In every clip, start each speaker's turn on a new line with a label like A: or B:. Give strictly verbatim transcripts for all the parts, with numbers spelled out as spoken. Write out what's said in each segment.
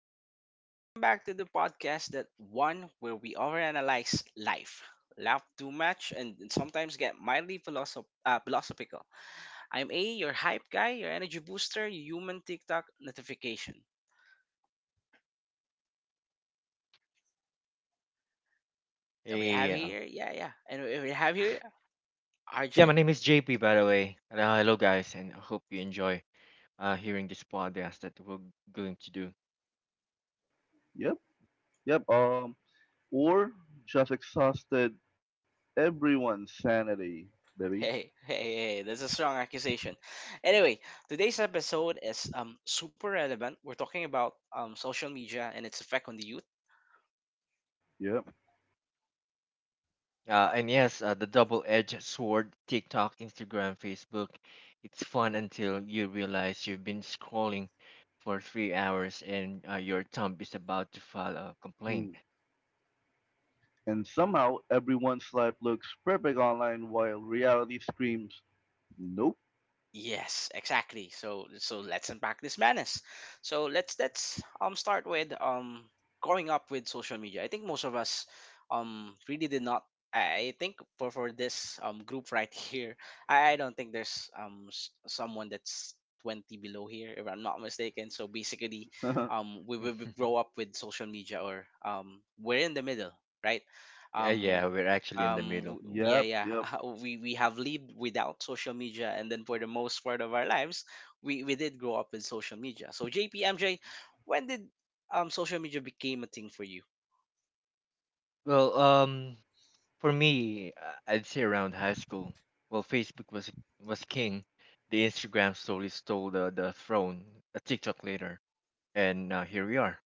A: fam? So, welcome back to the podcast, that one where we overanalyze life, laugh too much, and and sometimes get mildly philosoph- uh, philosophical. I'm A, your hype guy, your energy booster, your human TikTok notification. And we have
B: Yeah.
A: here, yeah, yeah, and we we have here
B: Yeah, my
A: Arjun.
B: name is J P, by the way. And, uh, hello, guys, and I hope you enjoy uh, hearing this podcast that we're going to do.
C: Yep, yep. Um, or just exhausted everyone's sanity, baby.
A: Hey, hey, hey, that's a strong accusation. Anyway, today's episode is um super relevant. We're talking about um social media and its effect on the youth.
C: Yep.
B: Uh, and yes, uh, the double edged sword TikTok, Instagram, Facebook. It's fun until you realize you've been scrolling for three hours and uh, your thumb is about to file a complaint.
C: Hmm. And somehow everyone's life looks perfect online while reality screams, nope.
A: Yes, exactly. So so let's unpack this madness. So let's let's um start with um growing up with social media. I think most of us um really did not. I I think for for this um group right here, I, I don't think there's um s- someone that's twenty below here, if I'm not mistaken. So basically um we we we grow up with social media, or um we're in the middle, right?
B: Yeah,
A: Um
B: yeah, we're actually in the
A: um
B: middle.
A: w- yeah
C: Yep,
A: yeah
C: yep.
A: we we have lived without social media, and then for the most part of our lives we we did grow up with social media. So JP, MJ, when did um social media became a thing for you?
B: Well, um, for me, uh, I'd say around high school. Well, Facebook was was king. The Instagram story stole the, the throne. A TikTok later, and now here we are.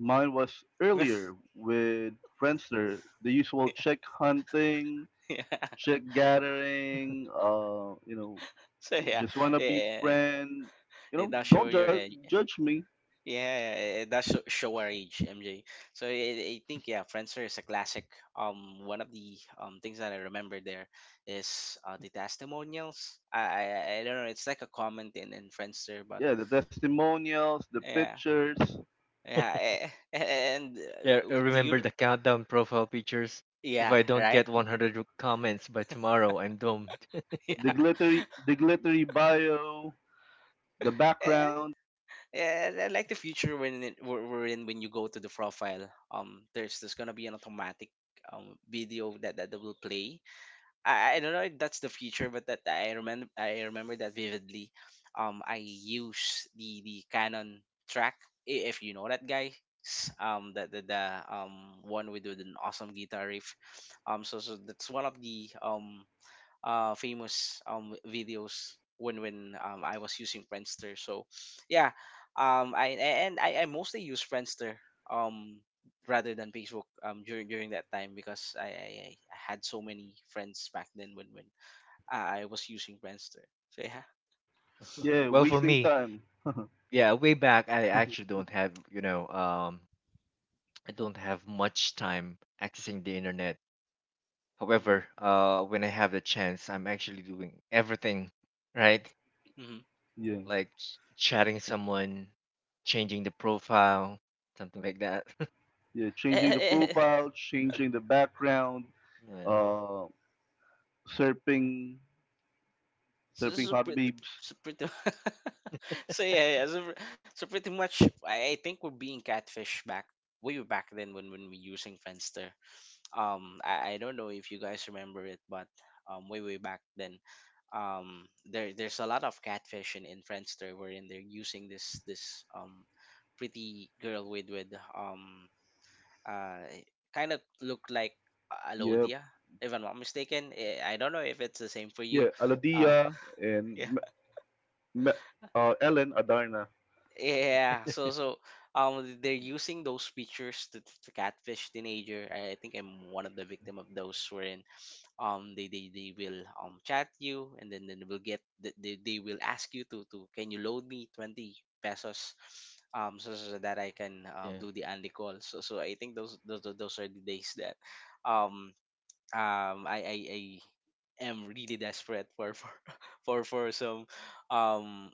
C: Mine was earlier with Friendster, the usual chick hunting,
A: Yeah,
C: chick gathering, uh, you know,
A: so yeah,
C: just wanna be
A: yeah,
C: friend. You
A: it
C: know,
A: does show
C: don't
A: your
C: ju-
A: age.
C: judge me.
A: Yeah, it does sho- show our age, MJ. So i I think, yeah, Friendster is a classic. Um one of the um things that I remember there is uh the testimonials. I i, I I don't know, it's like a comment in in Friendster. But
C: Yeah, the testimonials, the
A: yeah.
C: pictures.
A: Yeah, eh, and
B: Yeah, I
A: uh, do
B: remember
A: you?
B: the countdown profile pictures. If
A: Yeah,
B: I don't
A: right.
B: get one hundred comments by tomorrow, I'm doomed.
C: the
A: Yeah,
C: glittery the glittery bio, the
A: eh,
C: background.
A: yeah. I like the future when it, we're, we're in, when you go to the profile, um, there's there's gonna be an automatic um video that that will play. I I don't know if that's the future, but that, I remember, I remember that vividly. Um, I use the the Canon track, i- if you know that guy. Um, that the, the um one with, with an awesome guitar riff. Um, so so that's one of the um uh famous um videos when when um I was using Friendster. So yeah, um I a- and I, I mostly use Friendster um rather than Facebook um during during that time, because I I, I I had so many friends back then when when I I was using Friendster. So yeah.
C: Yeah,
B: Well, for
C: wasting
B: me,
C: time.
B: yeah, way back, I actually don't have you know um I don't have much time accessing the internet.
A: Mm-hmm.
B: However, uh, when I have the chance, I'm actually doing everything, right?
A: Mm-hmm.
C: Yeah,
B: Like, ch- chatting someone, changing the profile, something like that.
C: yeah, changing the profile, changing the background,
B: Yeah.
C: uh, surfing,
A: So this
C: surfing
A: is
C: hot
A: pretty,
C: babes.
A: so pretty, so yeah, yeah, so, pr- so pretty much I, I think we're being catfish back, way back then when when we using Friendster. Um I, I don't know if you guys remember it, but um way way back then um there there's a lot of catfish in, in Friendster, wherein they're using this this um pretty girl with with um uh kind of look like
C: Yep.
A: Alodia, if I'm not mistaken. Eh, I don't know if it's the same for
C: Yeah,
A: you. Uh,
C: Aladia and M- M- uh, Ellen Adarna.
A: Yeah, so so um they're
B: Yeah,
A: using those pictures to, to catfish teenager. I I think I'm one of the victim of those, wherein um they, they, they will um chat you, and then, then they will get they, they they will ask you to to can you load me twenty pesos, um so, so so that I can um,
B: yeah,
A: do the Andy call. So so I think those those those are the days that um um I I, I am really desperate for for for, for some um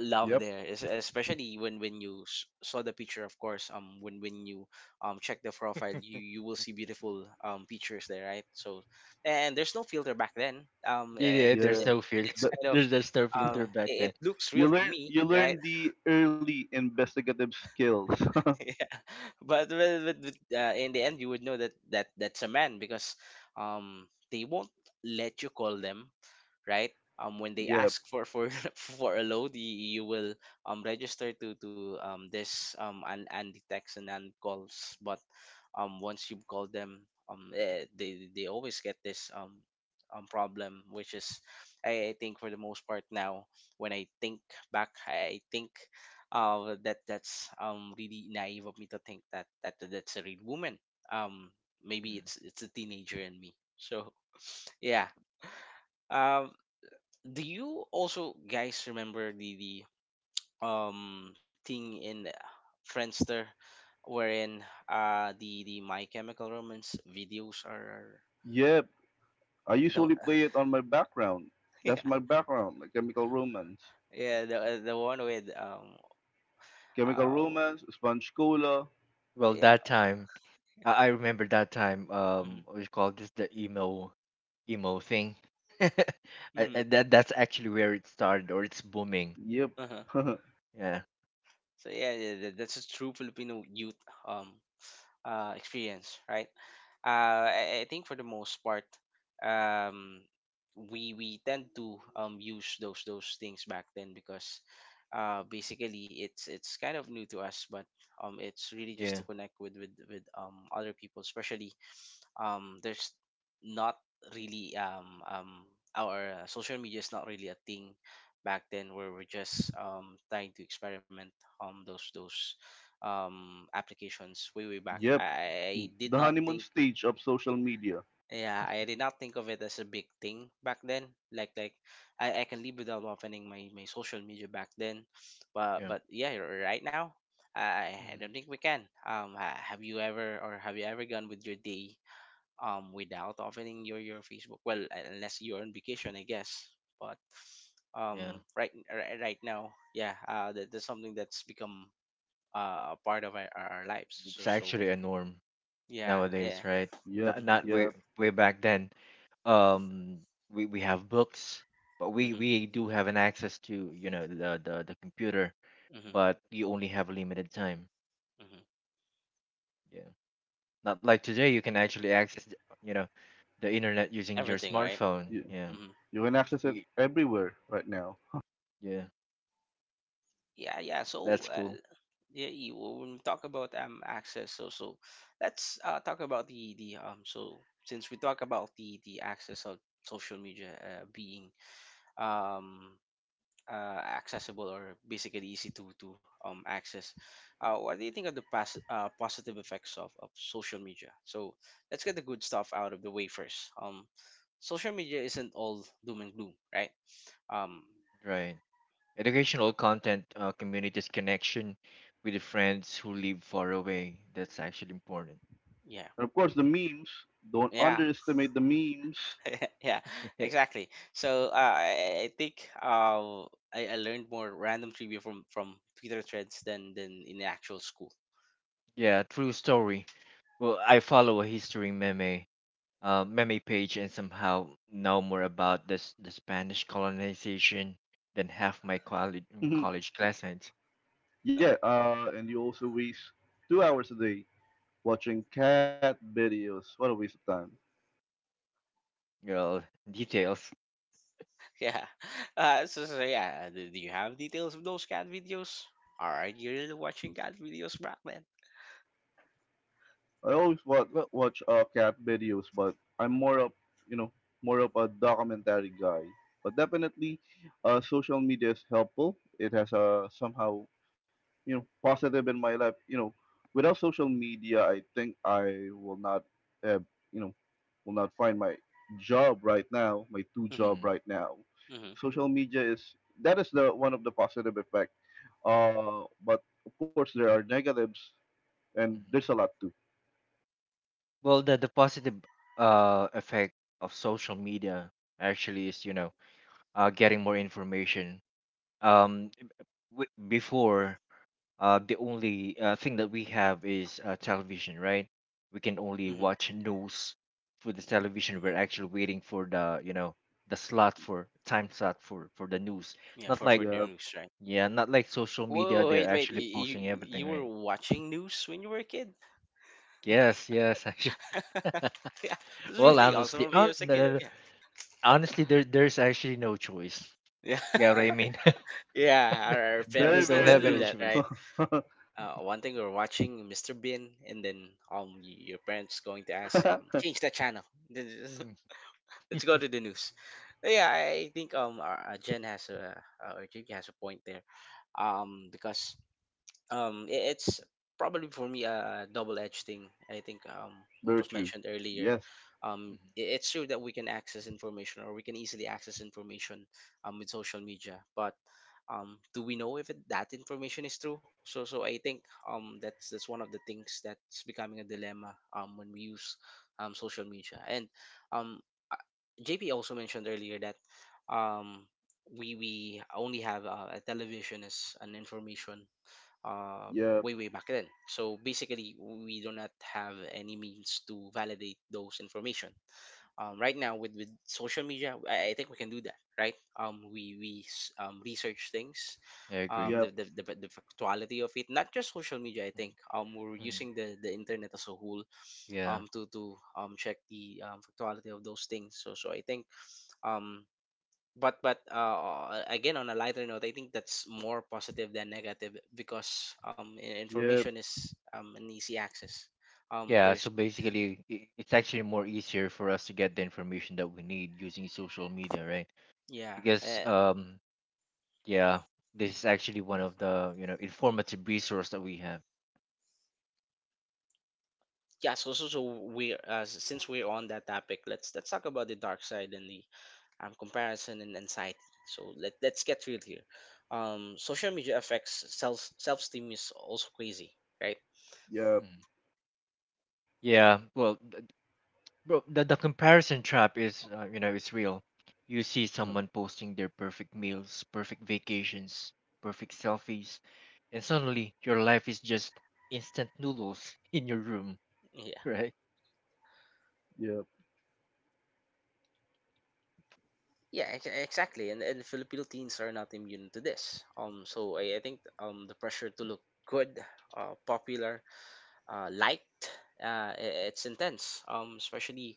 A: love
C: Yep.
A: there, es- especially when when you s- saw the picture, of course um when when you um check the profile,
B: yeah.
A: you you will see beautiful um pictures there, right? So and there's no filter back then, um
B: Yeah, yeah,
A: it's
B: there's
A: it,
C: Yeah.
B: no filter.
A: it's
C: The,
A: kind of
B: there's there's no
A: um
B: filter back
A: it, it
B: then.
A: looks real
C: you
A: to
C: learn
A: me,
C: you
A: right?
C: learn the early investigative skills.
A: Yeah. But, but, but but, uh, in the end you would know that that that's a man because um they won't let you call them, right? Um, when they
C: Yep.
A: ask for for for a load, you, you will um register to to um this um and and the text and and calls, but um once you call them um eh, they they always get this um um problem, which is I, I think for the most part now, when I think back, I think uh that that's um really naive of me to think that that that's a real woman. Um, maybe
B: Mhm.
A: it's it's a teenager in me. So yeah. Um, do you also guys remember the, the um thing in uh, Friendster wherein uh the the My Chemical Romance videos are
C: Yep. I
A: the,
C: usually play it on my background. That's
A: yeah,
C: my background, my Chemical Romance.
A: yeah, the uh, the one with um
C: Chemical
A: uh
C: Romance, Sponge Cola.
B: Well,
A: yeah.
B: that time, I, I remember that time.
A: Mm-hmm,
B: Um, what you call this, the emo, emo thing. I,
A: mm-hmm,
B: I, that that's actually where it started, or it's booming.
C: Yep.
A: uh-huh.
B: Yeah,
A: So yeah, yeah, that- that's a true Filipino youth um uh, experience, right? Uh, I, I think for the most part, um, we we tend to um, use those those things back then because uh, basically it's it's kind of new to us, but um, it's really just
B: yeah,
A: to connect with with with um, other people, especially um there's not really um um our uh, social media is not really a thing back then, where we're just um trying to experiment on those those um applications, way way back.
C: Yep.
A: I, I did
C: The
A: not
C: honeymoon
A: think,
C: stage of social media.
A: yeah, I did not think of it as a big thing back then. like like i, I can live without opening my, my social media back then, but
B: yeah.
A: but yeah, r- right now, i i I don't
B: Mm,
A: think we can. Um, ha- have you ever, or have you ever gone with your day um without opening your your Facebook? Well, uh, unless you're on vacation, I guess. But
B: yeah.
A: um, right right, right now, yeah, uh, that, that's something that's become uh, a part of our, our our lives. So
B: It's
A: so
B: actually a norm
A: yeah, yeah.
B: nowadays, right?
C: Yep.
B: Not
A: Mm-hmm,
B: not way
C: Yep.
B: way back then. Um, we we have books, but we
A: mm-hmm,
B: we do have an access to, you know, the the the computer,
A: mm-hmm.
B: but you only have a limited time.
A: Hmm.
B: Yeah, not like today, you can actually access the- you know, the internet using your
A: Everything right.
B: smartphone.
C: You,
B: Yeah.
A: Mm-hmm.
C: you can access it
B: Y-
C: everywhere right now.
B: yeah,
A: Yeah, yeah. So
B: that's
A: uh,
B: cool.
A: yeah, you, when we talk about um access, so so let's uh, talk about the the um so since we talk about the the access of social media, uh, being um uh, accessible or basically easy to to um, access. Uh, what do you think of the past uh, positive effects of, of social media? So let's get the good stuff out of the way first. Um, social media isn't all doom and gloom, right? Um,
B: Right. Educational content, uh, communities, connection with the friends who live far away. That's actually important.
A: yeah,
C: And of course, the memes. Don't
A: yeah,
C: underestimate the memes.
A: yeah, exactly. So uh, I, I think uh, I, I learned more random trivia from from Twitter threads than than in actual school.
B: Yeah, true story. Well, I follow a history meme, uh, meme page, and somehow know more about this the Spanish colonization than half my college college classmates.
C: Yeah. Uh, and you also waste two hours a day watching cat videos. What a waste of time.
B: Girl, details.
A: Yeah. Uh, so, so yeah, do do you have details of those cat videos? Are you really watching cat videos back then?
C: I always watch
B: Well,
C: watch uh, cat videos, but I'm more of you know more of a documentary guy. But definitely, uh, social media is helpful. It has a somehow you know positive in my life. You know, without social media, I think I will not have you know will not find my job right now, my two job
B: mhm,
C: right
A: Mm-hmm.
C: now.
A: Mm-hmm.
C: Social media is that is the one of the positive effect. Uh, but of course there are negatives, and there's
B: mhm.
C: a lot too.
B: Well, the the positive uh effect of social media actually is, you know, uh getting more information. Um, w- before, uh, the only uh, thing that we have is, uh, television, right? We can only
A: Mm-hmm.
B: watch news through the television.
A: Mm-hmm.
B: We're actually waiting for the, you know the slot, for time slot for for the news.
A: Yeah,
B: Not
A: for
B: like,
A: for the
C: Yeah.
A: news, right?
B: yeah, not like social media.
A: Whoa,
B: They're
A: wait, wait.
B: actually posting
A: You
B: everything,
A: you were
B: right?
A: watching news when you were a kid?
B: Yes, yes, actually.
A: Yeah, this is
B: Well,
A: really awesome
B: honestly,
A: of you
B: hon-
A: as a
B: no,
A: kid.
B: no, no,
A: Yeah,
B: honestly, there there's actually no choice.
A: yeah,
B: Yeah, what I mean.
A: yeah. Our, our
B: They
C: Very,
A: parents
B: don't
A: tend
C: very
A: to
B: have
A: do
B: any
C: true.
A: that, right?
B: choice.
A: Uh, one thing we're watching mister Bean, and then um, y- your parents going to ask um, change that channel.
B: Mm,
A: Let's go to the news. Yeah, I think um our, uh, Jen has a uh, or J P has a point there. Um, because um i- it's probably for me a double-edged thing. I think um what
C: Very
A: was
C: true.
A: mentioned earlier,
C: Yes.
A: um
B: mhm.
A: i- it's true that we can access information, or we can easily access information um with social media, but um do we know if it, that information is true? So so I think um that's that's one of the things that's becoming a dilemma um when we use um social media, and um uh, JP also mentioned earlier that um we we only have uh, a television as an information uh,
C: Yep.
A: way way back then. So basically, we do not have any means to validate those information. Um, right now, with with social media, I, I think we can do that, right? Um, we we s- um, research things,
B: I
C: Yep.
B: agree.
A: um, the, the the fa- the factuality of it, not just social media. I think
B: Mhm,
A: um, we're
B: mhm.
A: using the the internet as a whole
B: Yeah.
A: um to to um check the um, factuality of those things. So so I think um but but uh, again on a lighter note, I think that's more positive than negative because um i-
C: Yep.
A: information is um an easy access. Um
B: Yeah, so
A: there's
B: basically, i- it's actually more easier for us to get the information that we need using social media, right?
A: Yeah,
B: Because,
A: uh,
B: um, yeah, this is actually one of the, you know, informative resource that we have.
A: yeah, so so, so we uh, s- since we're on that topic, let's let's talk about the dark side and the um comparison and anxiety. So let, let's get real here, um social media affects self, self-esteem is also crazy, right?
C: Yep.
B: Mhm. Yeah, well, th- bro, the, the comparison trap is, uh, you know, it's real. You see
C: Yep.
B: someone posting their perfect meals, perfect vacations, perfect selfies, and suddenly your life is just instant noodles in your room,
A: Yeah.
B: right?
C: Yep.
A: Yeah, ex- exactly. And and Filipino teens are not immune to this. Um, so I, I think um the pressure to look good, uh, popular, uh, liked, uh, i- it's intense. Um, especially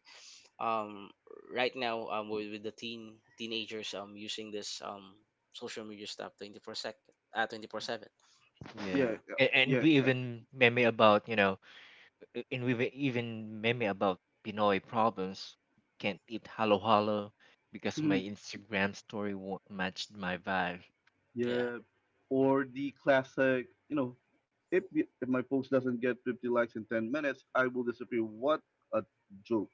A: um right now um with, with the teen teenagers um using this um social media stuff twenty four sec uh, twenty four seven.
B: Yeah.
C: Yeah.
B: And, and
C: Yeah.
B: we
C: Yeah.
B: even meme about, you know, Uh, And we have even meme about Pinoy problems. Can't eat halo halo because
C: Hmm.
B: my Instagram story won't match my vibe.
A: Yeah.
C: Yeah. Or the classic, you know, if y- if my post doesn't get fifty likes in ten minutes, I will disappear. What a joke.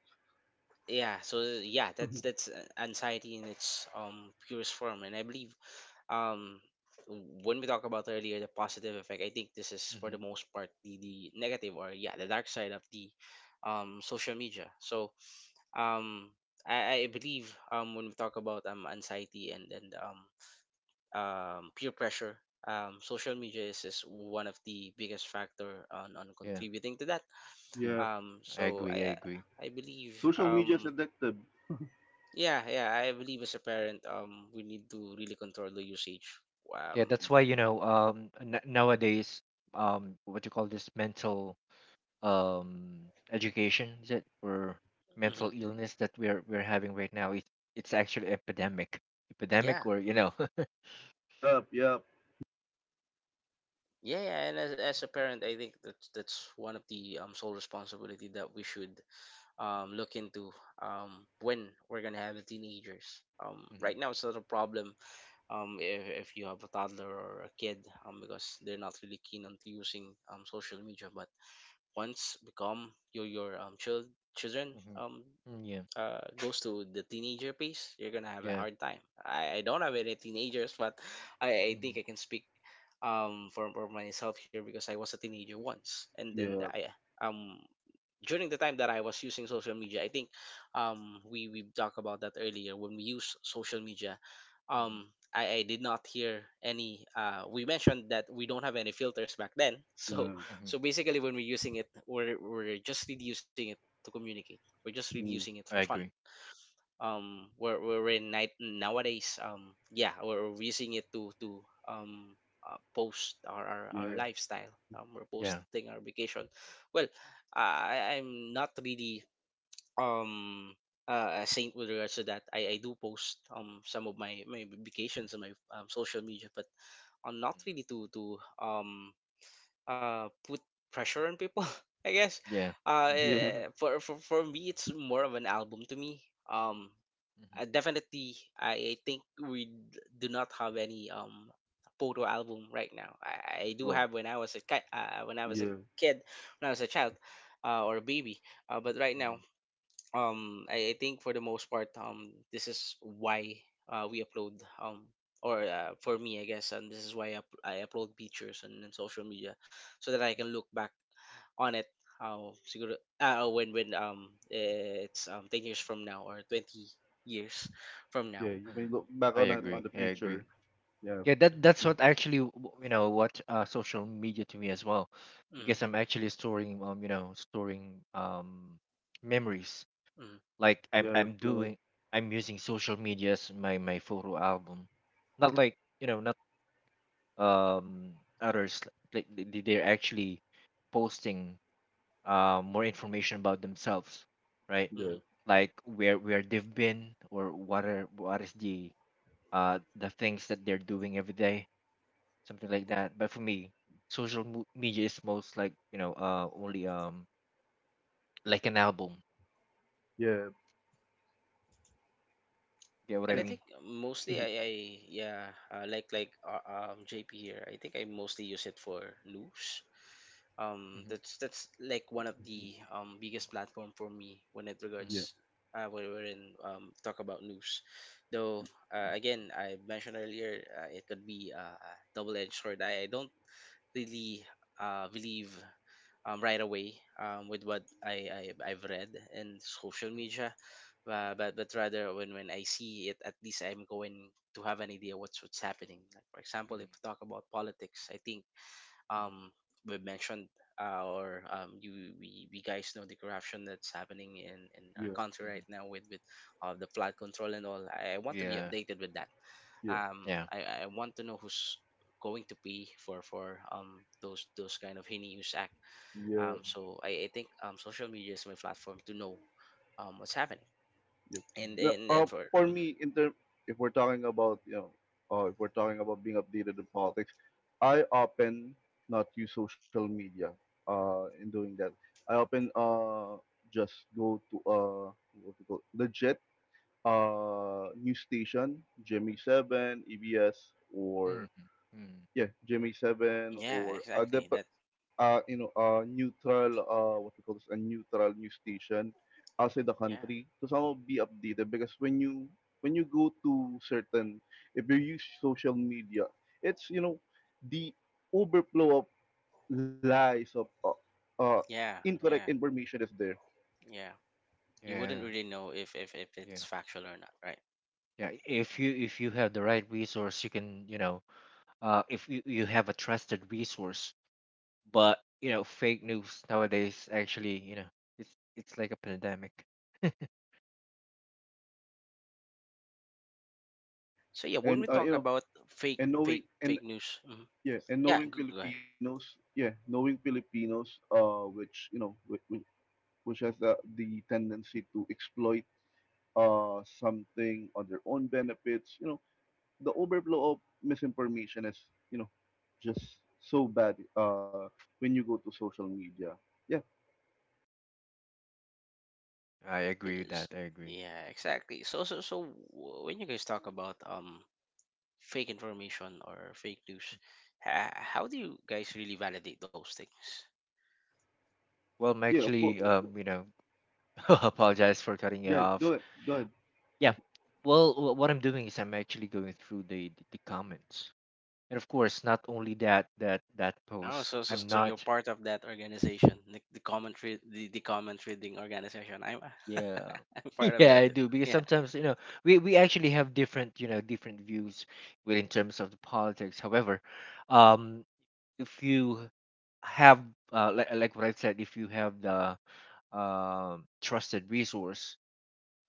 A: yeah so yeah that's that's uh, anxiety in its um purest form, and I believe um when we talk about earlier the positive effect, I think this is for the
B: Hmm.
A: most part the, the negative, or yeah, the dark side of the um social media. so um i, I believe um when we talk about um anxiety and and um um peer pressure, um social media is, is one of the biggest factor on on
B: Yeah,
A: contributing to that.
B: yeah,
C: Yeah.
A: um
B: I
A: so i
B: agree, I
A: i
B: agree.
A: I believe
C: Social media is
A: um
C: addictive.
A: yeah, yeah. I believe as a parent, um, we need to really control the usage.
B: Yeah, that's
A: Um,
B: why, you know, um, n- nowadays, um, what you call this, mental, um education is it, or mental
A: mhm.
C: Yeah.
B: illness that we're we're having right now? It it's actually epidemic, epidemic,
A: yeah,
B: or you
A: mm.
B: know,
C: Yep. Yep.
A: Yeah, yeah. And as, as a parent, I think that's that's one of the um sole responsibility that we should um look into um when we're gonna have the teenagers. Um,
B: Mhm,
A: right now it's not a problem. Um, if, if you have a toddler or a kid, um, because they're not really keen on to using um social media, but once become your your um child children,
B: mhm,
A: um
B: mhm. Mm, yeah,
A: uh, goes to the teenager phase, you're gonna have a
B: yeah.
A: hard time. I, I don't have any teenagers, but I, I
B: Hmm,
A: think I can speak um for, for myself here because I was a teenager once, and then the-
C: Yep.
A: I um during the time that I was using social media, I think um we we talked about that earlier when we use social media. Um,
B: hmm,
A: I, I did not hear any. Uh, we mentioned that we don't have any filters back then,
C: Yeah.
A: so
B: hmm.
A: so basically when we're using it, we're we're just really using it to communicate. We're just really
C: Mm.
A: using it for
B: I
A: fun.
B: agree.
A: Um we're we're in night Nowadays, um yeah, we're we're using it to to um uh, post our, our our
C: Yeah.
A: lifestyle. Um we're
B: Yeah.
A: posting our vacation. well i I- I'm not really um uh, a saint with regards to that. I i do post um some of my my vacations on my um, social media, but I'm not
B: Mm.
A: really to to um uh put pressure on people, I guess.
B: Yeah.
A: Uh
C: Yeah.
B: Hmm,
A: eh, for, for for me, it's more of an album to me. um
B: hmm.
A: uh, Definitely, I think we d- do not have any um photo album right now. I, I do
B: Well.
A: have when I was a ki- uh, when I was
C: Yeah.
A: a kid, when I was a child, uh, or a baby. Uh, but right now,
B: Mm,
A: um, I, I think for the most part, um, this is why uh, we upload um or uh, for me, I guess, and this is why I, up- I upload pictures and, and social media so that I can look back on it how siguro, uh, when when um it's um ten years from now or twenty years from
C: Yeah.
A: now.
C: You may
B: mm.
C: look back
B: I
C: on it on
B: agree.
C: the
B: I
C: future.
B: agree.
C: Yeah.
B: Yeah, that that's what actually, w- you know what, uh, social media to me as well,
A: hmm
B: because I'm actually storing, um you know storing, um memories.
A: mm-hmm,
B: Like I'm
C: Yeah.
B: I'm mm-hmm, doing I'm using social media as my my photo album, not like, you know, not, um others, like they, they- they're actually posting, um, more information about themselves, right?
C: Yeah.
A: mm-hmm.
B: Like, where where they've been, or what are what is the uh the things that they're doing every day, something like that. But for me, social mo- media is most, like you know uh only, um like an album.
C: Yeah,
B: Get what
C: yeah,
B: I
A: And I
B: mean?
A: think
C: yeah,
A: mostly I I yeah, uh, like like uh, um JP here. I think I mostly use it for news. um
B: Mhm,
A: that's that's like one of the um biggest platform for me when it
C: yeah,
B: mhm,
A: regards uh when we're in um talk about news, though. Uh, again, I mentioned earlier, uh, it could be uh, a double-edged sword. I, I don't really uh, believe um, right away um, with what I, I, I've read in social
B: mhm,
A: media, uh, but but rather when when I see it, at least I'm going to have an idea what's what's happening. Like, for example,
B: mhm,
A: if we talk about politics, I think
B: mhm,
A: um we mentioned uh, or um you, we, we guys know the corruption that's happening in in our
C: yeah,
A: country
B: mhm, mhm.
A: right now with with uh, the flood control and all. I, I want to be
B: Yeah.
A: updated with that. um
B: Yeah.
A: I, I want to know who's going to pay for for um those those kind of heinous act.
C: yeah,
A: Um
B: Mhm,
A: so, I, I think um social media is my platform to know um what's happening.
C: yeah.
A: and
C: No,
A: and,
C: uh,
A: and for
C: for
A: mm,
C: me, in term, if we're talking about you know, uh, if we're talking about being updated in politics, I often not use social media. Uh, in doing that, I often uh just go to uh what to call legit uh news station, Jimmy Seven, E B S,
B: mhm,
C: or
B: mhm, mhm.
C: yeah, Jimmy Seven
A: yeah,
C: or other,
A: exactly that.
C: uh, you know, uh, neutral, uh, what we call this, a neutral news station outside the
A: Yeah,
C: country to somehow be updated because when you when you go to certain, if you use social media, it's you know the overflow of lies of uh, uh,
A: yeah,
C: incorrect
A: yeah,
C: information is there,
A: yeah. You wouldn't
B: Yeah.
A: really know if if, if it's
B: Yeah.
A: factual or not, right?
B: Yeah. If you if you have the right resource, you can, you know, uh, if you, you have a trusted resource. But, you know, fake news nowadays, actually, you know, it's it's like a pandemic.
A: So yeah, when
C: and
A: we
C: uh, you
A: talk
C: know,
A: about fake,
C: and knowing
A: fake,
C: and
A: fake news. Mhm.
C: yeah, and
A: Yeah,
C: knowing
A: go, go ahead.
C: Filipinos, yeah, knowing Filipinos, uh, which you know, which, which which has the, the tendency to exploit uh, something on their own benefits. You know, the overflow of misinformation is, you know, just so bad uh, when you go to social media. Yeah,
B: I
A: So
B: agree with
A: yes,
B: that. I agree.
A: yeah, exactly. So so so w- when you guys talk about um fake information or fake news, ha- how do you guys really validate those things?
B: Well, I'm
C: yeah, of course.
B: actually, um, you know, apologize for cutting you
C: Yeah, go
B: off.
C: ahead, go ahead.
B: Yeah. Well, wh- what I'm doing is, I'm actually going through the the comments, and of course, not only that, that that
A: Oh,
B: post.
A: so so
B: I'm
A: so you're
B: not.
A: part of that organization, the, the comment re- the, the comment reading organization. I'm
B: Yeah.
A: I'm part of
B: Yeah, I
A: that too.
B: do, because
A: Yeah,
B: sometimes, you know, we we actually have different, you know, different views with in terms of the politics. However, um if you have, uh, like, like what I said, if you have the, um trusted resource,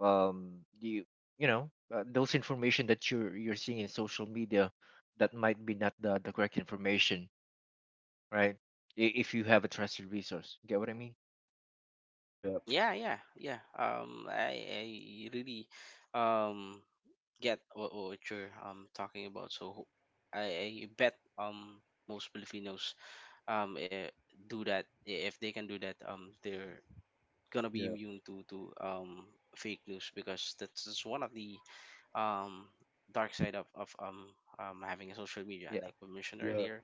B: um you, you know, uh, those information that you're you're seeing in social media, that might be not the, the correct information, right? I- If you have a trusted resource. Get what I mean?
C: Yeah,
A: yeah, yeah, yeah. Um, I I Really um get what, what you're um talking about. So ho- I, I bet um most Filipinos um eh, do that. I- If they can do that, um they're gonna be
C: yeah,
A: immune to to um fake news, because that's, that's one of the um dark side of of um um having a social media.
B: Yeah.
A: Like we mentioned
C: yeah,
A: earlier,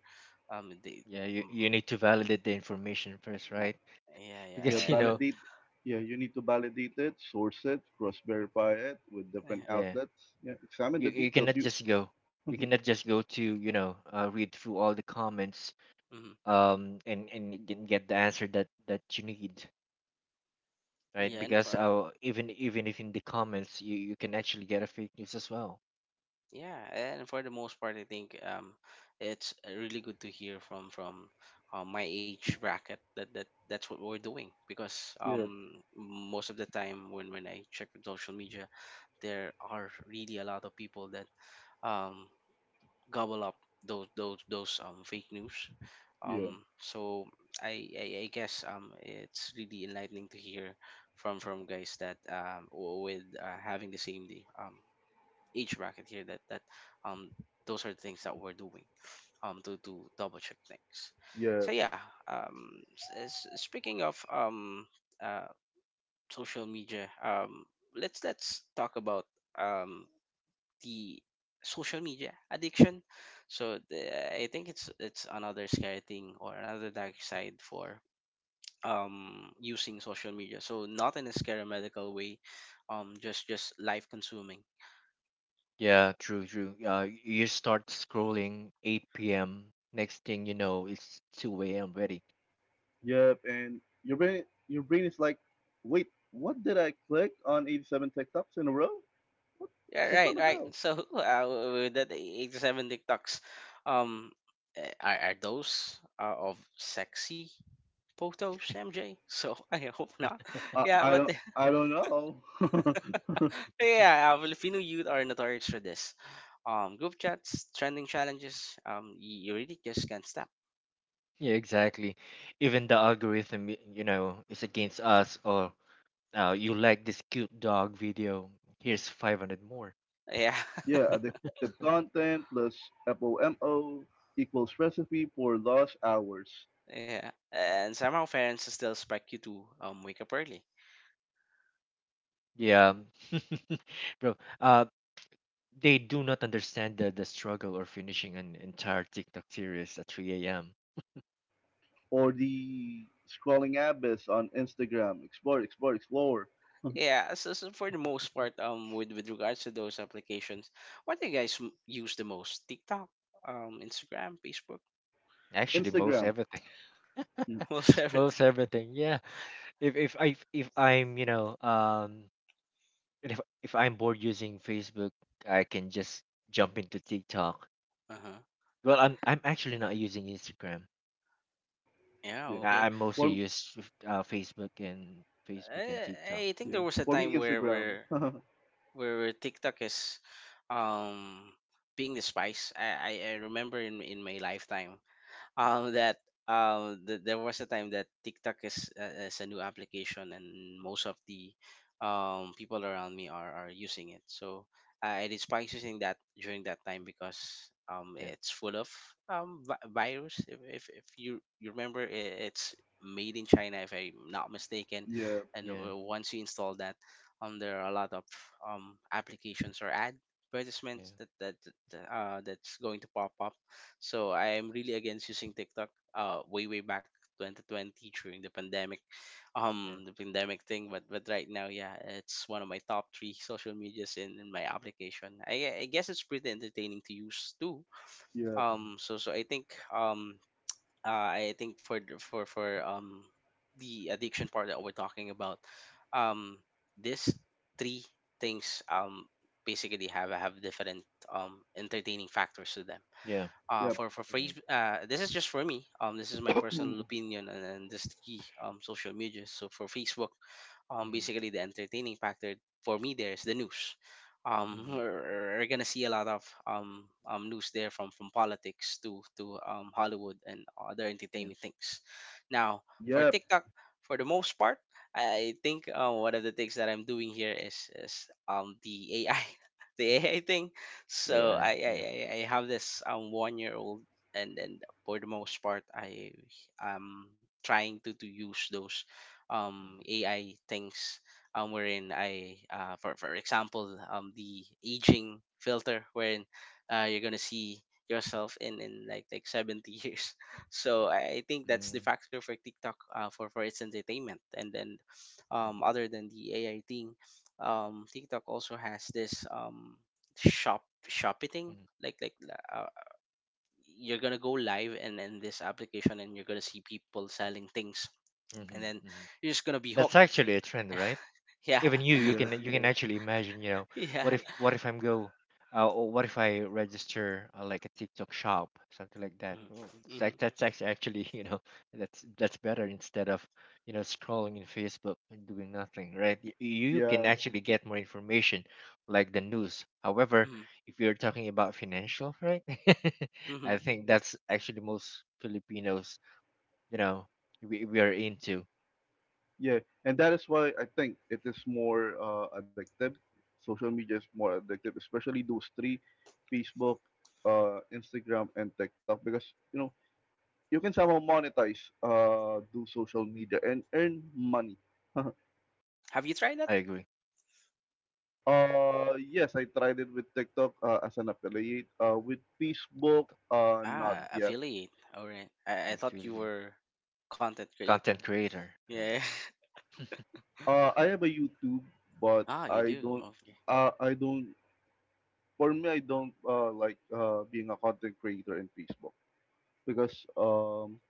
A: um they
B: Yeah, you,
A: mm,
B: you
A: mm,
B: need to validate the information first, right?
A: yeah, yeah,
C: yeah.
B: Because, you
A: and
B: know
C: Validate. Yeah, you need to validate it, source it, cross-verify it with different
A: yeah.
B: Yeah,
C: outlets. Yeah, examine
B: you
C: the
B: you
C: details.
B: cannot
C: You.
B: just go. You cannot just go to, you know uh, read through all the comments,
A: Mhm.
B: um and and you can get the answer that that you need, right?
A: yeah and
B: Because,
A: for,
B: uh, even even if in the comments, you you can actually get a fake news as well.
A: Yeah, and for the most part, I think, um, it's uh, really good to hear from from uh, my age bracket that, that that's what we're doing, because
C: Yeah,
A: um most of the time when when I check the social media, there are really a lot of people that um gobble up those those those um fake news.
B: Hmm,
C: yeah,
A: Um, so I, I I guess um it's really enlightening to hear from from
B: hmm.
A: guys that um w- with uh, having the same day um age bracket here that that um those are things that we're doing um to to double check things. So
C: yeah.
A: yeah, um s- s- speaking of um uh social media, um let's let's talk about um the social media addiction. So the, I think it's it's another scary thing or another dark side for um using social media. So, not in a scary medical way, um just just life consuming.
B: Yeah, true, true. Uh, you start scrolling eight p m. Next thing you know, it's two a m already.
C: Yep, and your brain your brain is like, wait, what did I click on eighty seven TikToks in a row?
A: Yeah,
C: Like what
A: right,
C: the
A: right.
C: hell?
A: So uh, with that eighty-seven TikToks, um, eh, are, are those uh, of sexy photos, M J? So I hope not.
C: I,
A: Yeah,
C: I
A: but
C: don't I don't know.
A: yeah, uh, Filipino youth are notorious for this. Um, group chats, trending challenges. Um, you, you really just can't stop.
B: Yeah, exactly. Even the algorithm, y- you know, is against us. Or now you like this cute dog video. Here's five hundred more.
A: Yeah,
C: Yeah, addictive content plus foe-mo equals recipe for lost hours.
A: yeah. And somehow parents still expect you to um wake up early.
B: Yeah. Bro. Uh, they do not understand the, the struggle or finishing an entire TikTok series at three a m
C: Or the scrolling abyss on Instagram. Explore, explore, explore.
A: Yeah. So, so for the most part, um, with with regards to those applications, what do you guys m- use the most? TikTok, um, Instagram, Facebook?
B: Actually, most
C: Instagram.
B: everything,
C: Mm.
A: Almost
B: most
A: everything.
B: everything. Yeah. If if I if I'm you know um if if I'm bored using Facebook, I can just jump into TikTok.
A: Uh huh.
B: Well, I'm I'm actually not using Instagram.
A: Yeah.
C: Yeah.
A: Okay.
B: I- I'm mostly
C: For
B: used with, uh, Facebook and Facebook and TikTok.
A: I, I think
B: Yeah.
C: Yeah.
A: there was a
C: For me
A: time where
C: Instagram.
A: where where TikTok is, um, being the spice. I I, I remember in in my lifetime um
B: Hmm.
A: that um th- there was a time that TikTok is uh, is a new application, and most of the um people around me are are using it. So uh, I despised using that during that time, because um
B: Yeah.
A: it's full of um vi- virus. If, if if you you remember, i- it's made in China, if I'm not mistaken,
C: Yeah,
A: and
B: Yeah.
A: w- once you install that, um there are a lot of um applications or ad
B: Yeah.
A: advertisements that that, that uh that's going to pop up, so I am really against using TikTok. Uh, way way back twenty twenty during the pandemic,
B: Yeah.
A: um, the pandemic thing. But but right now, yeah, it's one of my top three social medias in, in my application. I, gue- I guess it's pretty entertaining to use too.
C: yeah.
B: Hmm.
A: Um, so so I think, um, uh, I think for the- for for um the addiction part that we're talking about, um, these three things um basically have have different um entertaining factors to them,
B: Yeah.
A: uh,
C: Yep.
A: for for
B: You're
A: free.
B: right.
A: Uh, this is just for me. Um, this is my
C: Yep.
A: personal opinion, and, and this is the key. Um, social media. So for Facebook, um
B: Hmm,
A: basically the entertaining factor for me there is the news. um
B: hmm.
A: we're, we're gonna see a lot of um, um news there from from politics to to um Hollywood and other
B: Yeah.
A: entertainment things now. For
C: Yep,
A: TikTok, for the most part, I think, uh, one of the things that I'm doing here is is um the AI, the AI thing. so
B: Yeah.
A: i i,
B: Yeah.
A: I I have this um one year old, and then for the most part, I am trying to to use those um
B: Hmm,
A: A I things, um wherein I uh for for example, um the aging filter wherein uh you're gonna see yourself in in like like seventy years so I, I think that's the factor for TikTok, uh, for for its entertainment. And then um
B: hmm,
A: other than the AI thing, um TikTok also has this um shop shopping,
B: hmm,
A: like like uh, you're gonna go live and in in this application, and you're gonna see people selling things,
B: hmm,
A: and then
B: hmm.
A: you're just gonna be
B: That's
A: hooked.
B: actually a trend, right?
A: Yeah.
B: Even you you can
C: yep.
B: you can actually imagine, you know, what
A: Yeah.
B: if what if, I'm go uh, or what if I register, uh, like, a TikTok shop, something like that. Well, it's like,
A: Mm-hmm.
B: that's act- actually, you know, that's that's better, instead of, you know, scrolling in Facebook and doing nothing, right? Y- you can
C: Yeah.
B: actually get more information, like the news. However,
A: Hmm.
B: if you're talking about financial, right?
A: Hmm.
B: I think that's actually most Filipinos, you know, we, we are into.
C: Yeah, and that is why I think it is more uh, addictive. Social media is more addictive, especially those three: Facebook, uh, Instagram, and TikTok, because you know you can somehow monetize uh, do social media and earn money.
A: Have you tried that?
B: I agree.
C: Uh, yes, I tried it with TikTok uh, as an affiliate. Uh, with Facebook, uh, not
B: Hmm.
A: Ah,
C: yet.
A: affiliate. All right. I, I
B: I
A: thought
B: feel
A: you
B: you.
A: were content creator.
B: Content creator. Yeah.
A: Yeah.
C: Uh, I have a YouTube, but
A: Ah, you
C: I
A: do.
C: don't.
A: Okay.
C: Uh, I don't. For me, I don't uh, like uh, being a content creator in Facebook. because um,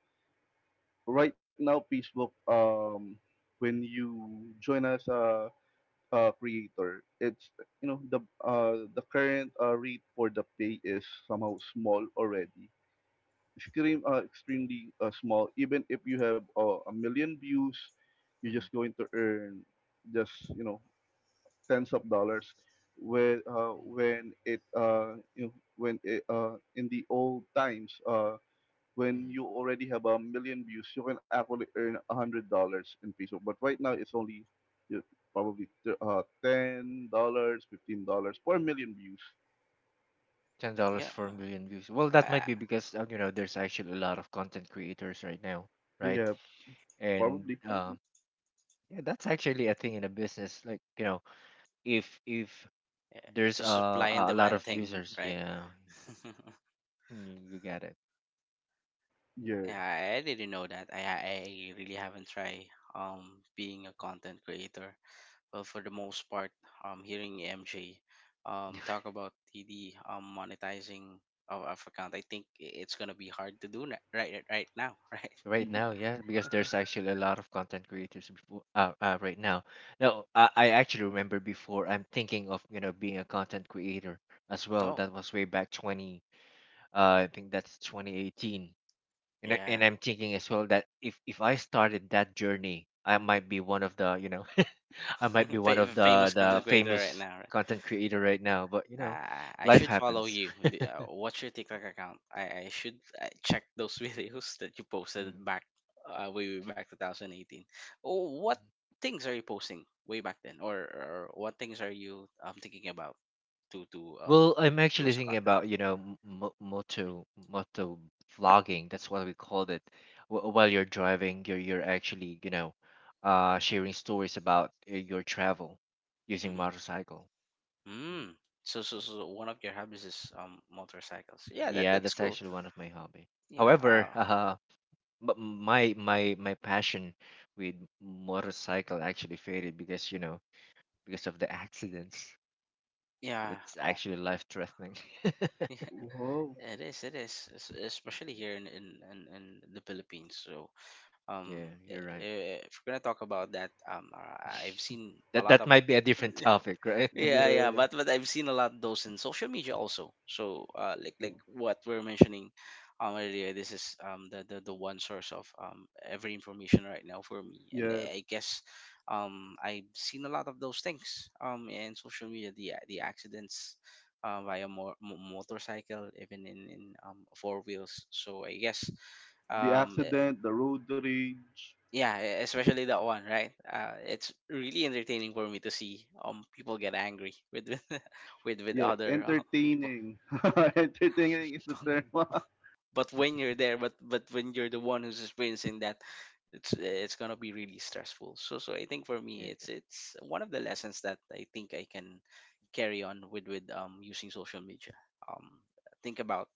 C: right now Facebook, um, when you join as a, a creator, it's you know the uh, the current uh, rate for the pay is somehow small already, extreme uh, extremely uh, small. Even if you have uh, a million views, you're just
B: Mhm.
C: going to earn just you know tens of dollars. Where uh, when it uh, you know, when it, uh, in the old times uh, when
B: Mhm.
C: you already have a million views, you can actually earn a hundred dollars in Facebook. But right now, it's only you know, probably uh, ten dollars, fifteen dollars per million views.
B: Ten dollars
A: Yeah.
B: for a million views. Well, that might
A: I,
B: be because, uh, you know there's actually a lot of content creators right now, right?
C: Yeah, probably.
B: And, um, yeah, that's actually a thing in a business. Like, you know, if if
A: I- it's
B: there's,
A: a
B: uh,
A: supply and
B: a a lot
A: demand
B: of
A: thing,
B: users,
A: right?
B: yeah, you, you get it.
C: Yeah.
A: Yeah, I I didn't know that. I I I really haven't tried um being a content creator. Well, for the most part, um, hearing M J um, talk about the the um, monetizing of our account, I think i- it's gonna be hard to do na- right right right now, right?
B: Right
C: Y-
B: now, yeah, because there's actually a lot of content creators before, uh, uh right now. Now, I, I actually remember before, I'm thinking of, you know, being a content creator as well.
A: Oh,
B: That was way back twenty. Uh, I think that's twenty eighteen. And, I-
A: yeah,
B: and I'm thinking as well that, if, if I started that journey, I might be one of the, you know, I might be one
A: Fa-
B: of the,
A: famous content
B: the
A: creator right
B: famous
A: now. Right?
B: content creator right now. But, you know,
A: Uh, I
B: life
A: should follow
B: happens.
A: you. D- uh, What's your TikTok account? I, I should uh, check those videos that you posted
B: Mm.
A: back uh, way way back twenty eighteen. Oh, what
B: Mhm.
A: things are you posting way back then, or, or what things are you um, thinking about? To to um
B: Well, I'm
A: you
B: actually
A: as a
B: thinking
A: content.
B: about, you know, m- mo- moto moto vlogging. That's what we called it. Wh- While you're driving, you're you're actually, you know, uh, sharing stories about, uh, your travel using
A: Mm-hmm.
B: motorcycle. Mm.
A: Mm. So so so one of your hobbies is um motorcycles. Yeah, that
B: Yeah,
A: that's
B: that's
A: cool.
B: actually one of my hobby.
A: Yeah.
B: However,
A: Uh.
B: uh, but my my my passion with motorcycle actually faded, because, you know because of the accidents.
A: Yeah.
B: It's actually life threatening.
C: Wow.
A: It is. It is. es- Especially here in in in, in the Philippines. So, um,
B: Yeah,
A: i-
B: you're right.
A: i- if we're gonna talk about that, um, uh, I've seen a
B: That
A: lot
B: that
A: of
B: might be a different topic, right?
A: Yeah, yeah,
C: Yeah.
A: but but I've seen a lot of those in social media also. So uh, like like what we're mentioning um earlier, this is um the, the the one source of um every information right now for me, and
C: Yeah.
A: I I guess um I've seen a lot of those things um in social media, the the accidents uh, via mo- mo- motorcycle, even in in um four wheels. So I guess
C: The
A: um
C: accident, the road rage.
A: yeah, e- especially that one, right? Uh, it's really entertaining for me to see um people get angry with with with, with
C: Yeah,
A: other uh, people.
C: entertaining. Entertaining is the term.
A: But when you're there, but but when you're the one who's experiencing that, it's it's gonna be really stressful. So so I think for me,
B: Yeah,
A: it's it's one of the lessons that I think I can carry on with with um using social media. Um, think about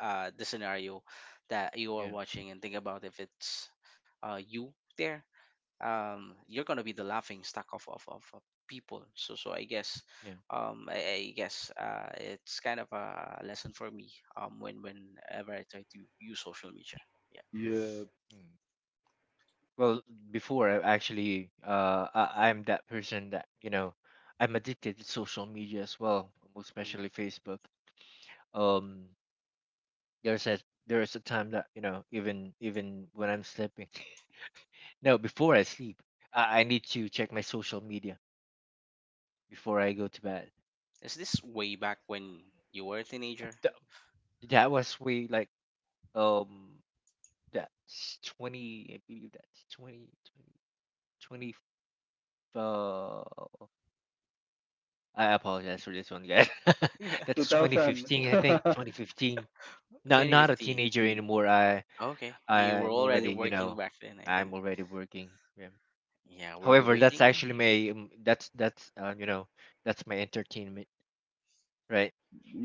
A: uh the scenario that you are
B: yeah,
A: watching and think about if it's uh you there um, you're gonna be the laughing stock of, of, of of people. So so I guess
B: yeah.
A: um, I, I guess uh, it's kind of a lesson for me um, when whenever I try to use social media.
C: Yeah.
B: Mm. Well, before, I actually, uh, I, I'm that person that, you know, I'm addicted to social media as well, most
A: Yeah. hmm
B: especially Facebook. um there's a there's a time that, you know, even even when I'm sleeping. No, before I sleep, I, I need to check my social media before I go to bed.
A: Is this way back when you were a
B: Uh,
A: teenager?
B: th- that was way like, um that's twenty. I believe that's 20 20, twenty, uh, I apologize for this one, guys.
C: Two
B: That's
C: thousand.
B: twenty fifteen. I think twenty fifteen. Not not a
A: twenty fifteen.
B: teenager anymore. i
A: Okay, you were
B: I'm
A: already
B: already, you
A: working
B: know,
A: back then, I
B: I'm
A: think.
B: already working, yeah.
A: Yeah, were you
B: However, that's
A: waiting?
B: actually my, um, that's that's uh, you know that's my entertainment, right?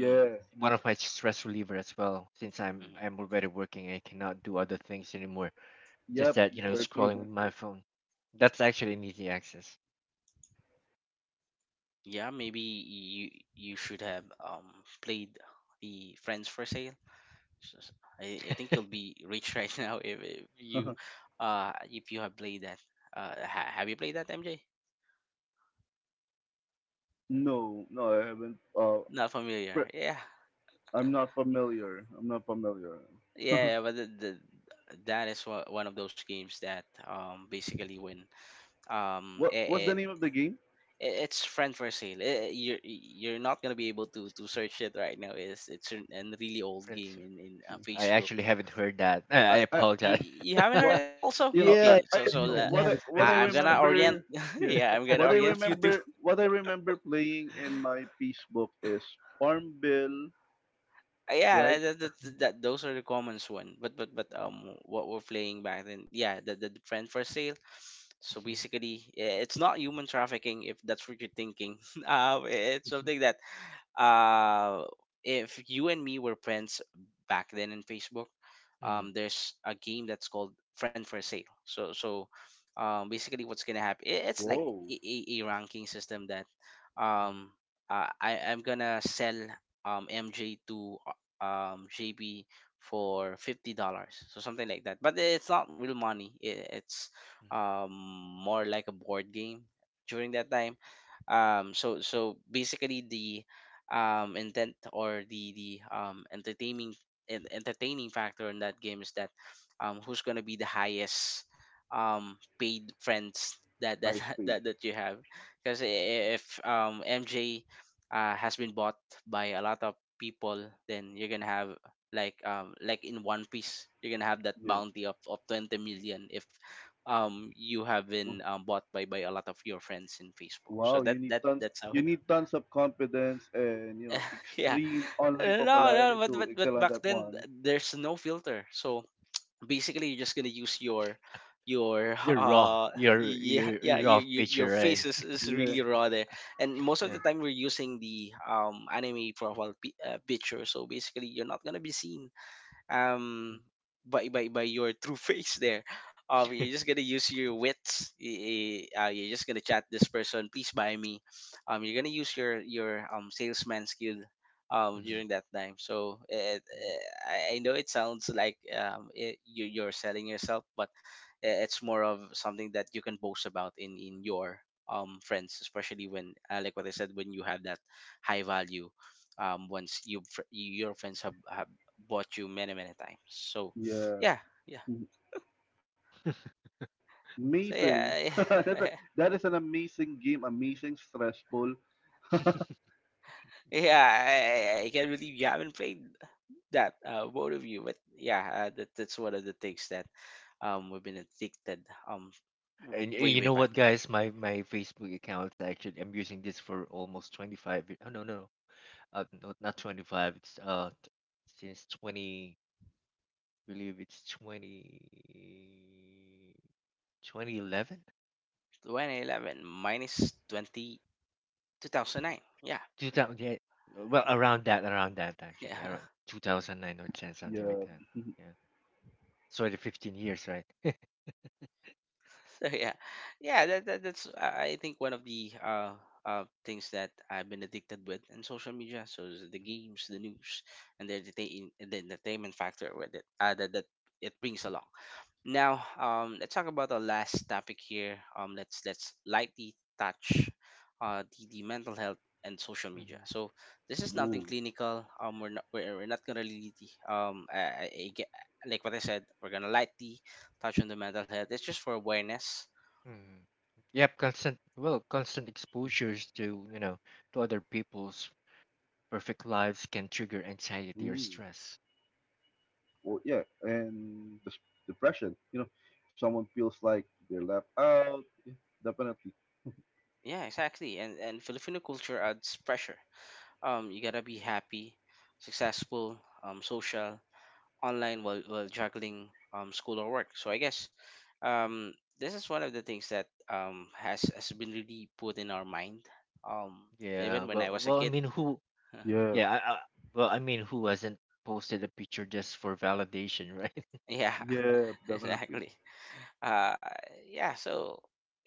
A: Mm,
B: One of my stress reliever as well. Since I'm
A: mm.
B: I'm already working, and I cannot do other things anymore. Just
C: Yep.
B: that, you know,
C: Very true.
B: scrolling with my phone. That's actually an easy access.
A: Yeah, maybe you you should have um played the Friends for Sale. So- so I I think you'll be rich right now if, if you uh if you have played that. Uh, ha, have you played that, M J?
C: No, no, I haven't. Uh,
A: Not familiar. Yeah,
C: I'm not familiar. I'm not familiar.
A: yeah, yeah, but the, the, that is what, one of those games that um basically when um
C: What what's the
A: it, it
C: name of the game?
A: i- it's friend for sale. Eh, you're you're not gonna be able to to search it right now. It's it's an, an really old
B: Friends,
A: game in in uh,
B: I
A: Facebook.
B: actually haven't heard that. I, I
C: I, I
A: You
B: apologize.
A: you haven't heard
C: what
A: that also?
C: you know I,
B: Yeah, yeah,
A: Okay,
C: I
A: so
B: I
A: so uh,
B: haven't I
C: what I
B: haven't
C: what I
B: friends
A: I, I'm
B: for
A: gonna
B: sale.
A: orient.
C: remember yeah
A: Yeah, I'm gonna
C: what I
A: orient you to
C: remember what I remember playing in my peace book is Farmville
A: Uh, yeah,
C: right?
A: that, that, that, that those are the common one. But but but um, what we're playing back then, yeah, the, the the friend for sale. So
B: Mhm,
A: basically, i- it's not human trafficking if that's what you're thinking. Um, it's
B: mhm,
A: something that uh, if you and me were friends back then in Facebook,
B: mhm.
A: um, there's a game that's called Friend for Sale. So so, um, basically, what's gonna happen? i- It's like a,
C: Whoa,
A: a, a ranking system that
B: Mhm, mhm.
A: um, uh, I I'm gonna sell um M J to um G B for fifty dollars, so something like that. But it's not real money. i- It's um more like a board game during that time. Um, so so basically the um intent or the the um entertaining en- entertaining factor in that game is that um who's gonna be the highest um paid friends that that
C: high
A: that,
C: speed.
A: that you have because if um M J uh, has been bought by a lot of people, then you're gonna have like um like in One Piece, you're gonna have that
C: Yeah.
A: bounty of, of twenty million if um you have
C: Oh.
A: been um, bought by by a lot of your friends in Facebook. So
C: Wow, you
A: that
C: need
A: that
C: tons
A: that's how
C: you
A: it
C: need tons of confidence and you know
A: yeah.
C: extreme online
A: Uh, no, no,
C: popularity
A: but
C: to
A: but but
C: excel on
A: back
C: that
A: then th-
C: one.
A: there's no filter. So basically you're just gonna use your your
B: You're raw.
A: uh
B: You're
A: yeah
B: you're,
A: yeah
B: you're raw
A: your, your,
B: picture,
A: your
B: right?
A: face is, is really
C: Yeah.
A: raw there and most of
B: Yeah.
A: the time we're using the um anime profile pi- uh, picture, so basically you're not gonna be seen um by by, by your true face there um you're just gonna use your wits y- y- uh, you're just gonna chat this person, please buy me um you're gonna use your your um salesman skill um
B: Mhm,
A: during that time so it,
B: mhm.
A: eh, I I know it sounds like um it, you, you're selling yourself but eh, it's more of something that you can boast about in in your um friends especially when uh, like what I said when you have that high value um once you fr- your friends have, have bought you many many times so yeah
C: Yeah.
A: yeah so
C: Amazing.
A: yeah
C: That
A: yeah
C: that is an amazing game, amazing stressful.
A: yeah I, I I can't believe you haven't played that uh both of you, but yeah uh, that, that's one of the things that um we've been addicted um w-
B: And, y-
A: way
B: you
A: way
B: know
A: back
B: what,
A: then
B: guys? My my Facebook account's actually, I'm using this for almost twenty five. y- Oh, no, no, uh, no, not twenty five. It's uh t- since twenty. Believe it's twenty, twenty eleven,
A: twenty eleven minus twenty two thousand nine yeah
B: two thousand. Yeah, well,
A: yeah
B: around that, around that actually, around
A: yeah
B: two thousand nine or ten, something like that.
C: Yeah.
B: Yeah, sorry, fifteen years, right?
A: So yeah, yeah. That, that that's I I think one of the uh uh things that I've been addicted with in social media. So is the games, the news, and the entertain the entertainment factor with it. Uh, that that it brings along. Now, um, let's talk about the last topic here. Um, let's let's lightly touch uh, the, the mental health and social media.
B: Mhm.
A: So this is nothing
C: Woo.
A: clinical. Um, we're not we're, we're not gonna really um I, I, I get, like what I said. We're gonna lightly touch on the mental health. It's just for awareness.
B: Mm. Yep, constant, well, constant exposures to, you know, to other people's perfect lives can trigger anxiety or
C: Mm.
B: stress.
C: Well, yeah, and the depression. You know, someone feels like they're left out. Yeah. Definitely.
A: Yeah, exactly. And and Filipino culture adds pressure. Um, you gotta be happy, successful, um, social, online while, while juggling um, school or work. So I guess um, this is one of the things that um, has, has been really put in our mind, um, even
B: Yeah,
A: when I
B: well,
A: was a
B: well, I
A: kid.
B: mean, who?
C: Yeah.
B: Yeah, I, I, well, I mean, who hasn't posted a picture just for validation, right?
A: Yeah,
C: Yeah. Definitely.
A: exactly. Uh, yeah, so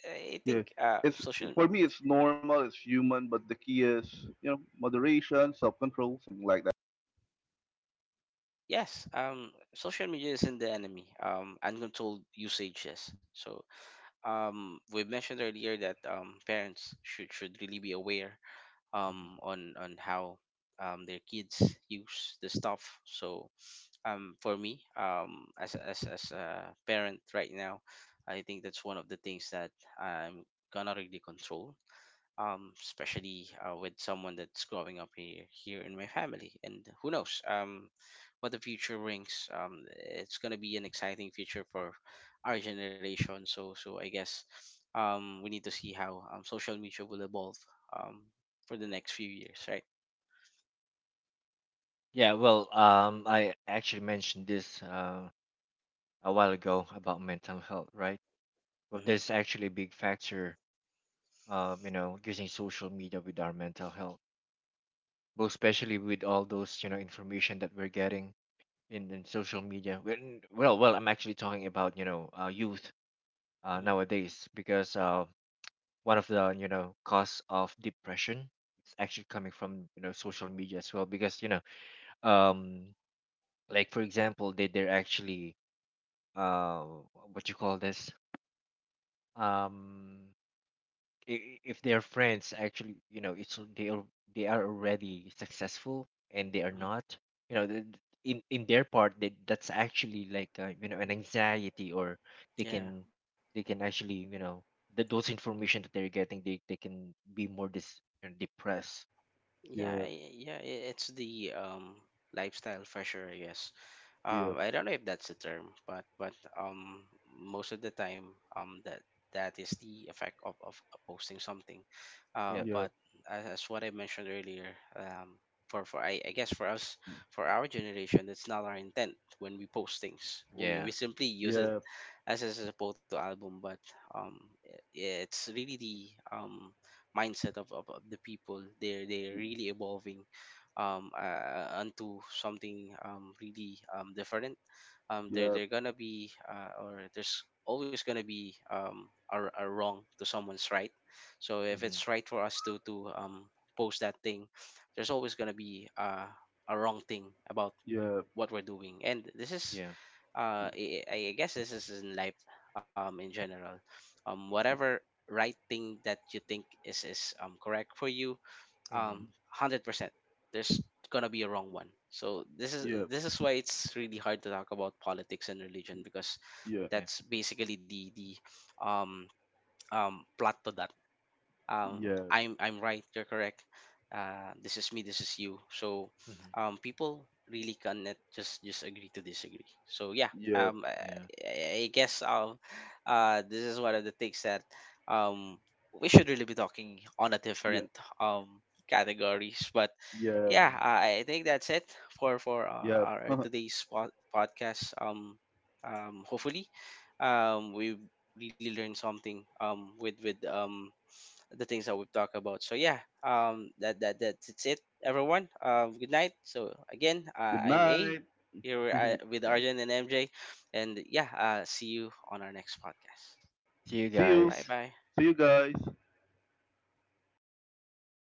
A: I
C: Yeah.
A: think uh,
C: It's
A: social,
C: for me. It's normal. It's human. But the key is, you know, moderation, self-control, something like that.
A: yes, um, social media isn't the enemy. Um, uncontrolled usage, yes. So um, we mentioned earlier that um, parents should, should really be aware
B: Hmm.
A: um, on on how um, their kids use the stuff. So um, for me, um, as a- as as a parent right now, I think that's one of the things that I'm gonna really control um, especially uh, with someone that's growing up here, here in my family. And who knows um, what the future brings. Um, it's going to be an exciting future for our generation. So, so I guess um, we need to see how um, social media will evolve um, for the next few years, right?
B: Yeah, well, um, I actually mentioned this, uh, a while ago about mental health, right? Well,
A: hmm
B: there's actually a big factor, uh, you know, using social media with our mental health. Well, especially with all those, you know, information that we're getting, in, in social media. When- well, well I'm actually talking about, you know, uh, youth, uh,
A: hmm
B: nowadays, because, uh, one of the, you know, cause of depression is actually coming from, you know, social media as well, because, you know um like, for example, they they're actually, uh what you call this, um i- if their friends actually, you know, it's, they are they are already successful, and they are
A: hmm
B: not, you know, the, in in their part, that that's actually like, uh, you know, an anxiety. Or, they
A: Yeah,
B: can they can actually, you know, the, those information that they're getting, they, they can be more, dis you know, depressed.
A: yeah,
C: Yeah.
A: I- yeah. i- It's the um, lifestyle for sure, I guess.
C: Yeah.
A: Um, I don't know if that's the term, but but um, most of the time, um, that that is the effect of, of posting something. Uh,
B: Yeah,
C: Yeah.
A: but as, as what I mentioned earlier, um, for for I, I guess for us, for our generation, that's not our intent when we post things. We
B: yeah,
A: we simply use it
C: Yeah.
A: as as a photo album, but um, i- it's really
B: yeah,
A: the um mindset of, of, of the people. They're they're really evolving um uh, uh, onto something um really um different um there
C: Yeah.
A: they're gonna be uh, or there's always gonna be um a, a wrong to someone's right, so if
B: mm-hmm.
A: it's right for us to to um post that thing there's always gonna be uh, a wrong thing about
C: Yeah.
A: what we're doing, and this is
B: Yeah,
A: uh i, I I guess this is in life um in general um whatever right thing that you think is is um correct for you um
B: mm-hmm.
A: one hundred percent there's gonna be a wrong one, so this is
C: Yeah.
A: this is why it's really hard to talk about politics and religion because
C: Yeah.
B: Yeah,
A: that's basically the the um um plot to that um,
C: Yeah.
A: I'm I'm right. You're correct. Uh, this is me. This is you. So
B: mm-hmm.
A: um, people really cannot just just agree to disagree. So yeah,
C: Yeah.
A: um, I,
B: Yeah,
A: I I guess um, uh, this is one of the things that um, we should really be talking on a
C: Yeah.
A: different um categories. But
C: Yeah.
A: yeah,
B: mm-hmm.
A: I I think that's it for for
C: Yep.
A: our, our
C: Good
A: today's pod- podcast. Um, um, hopefully, um, we really learned something um with with um the things that we've talked about. So yeah, um, that that that's it's it, everyone. Um, good night. So again, uh, I'm A
C: night.
A: here with I- with
B: Yeah,
A: Arjun and M J, and yeah, uh, see you on our next podcast.
B: see you
C: See you.
A: Bye
B: guys.
A: bye.
C: See you guys.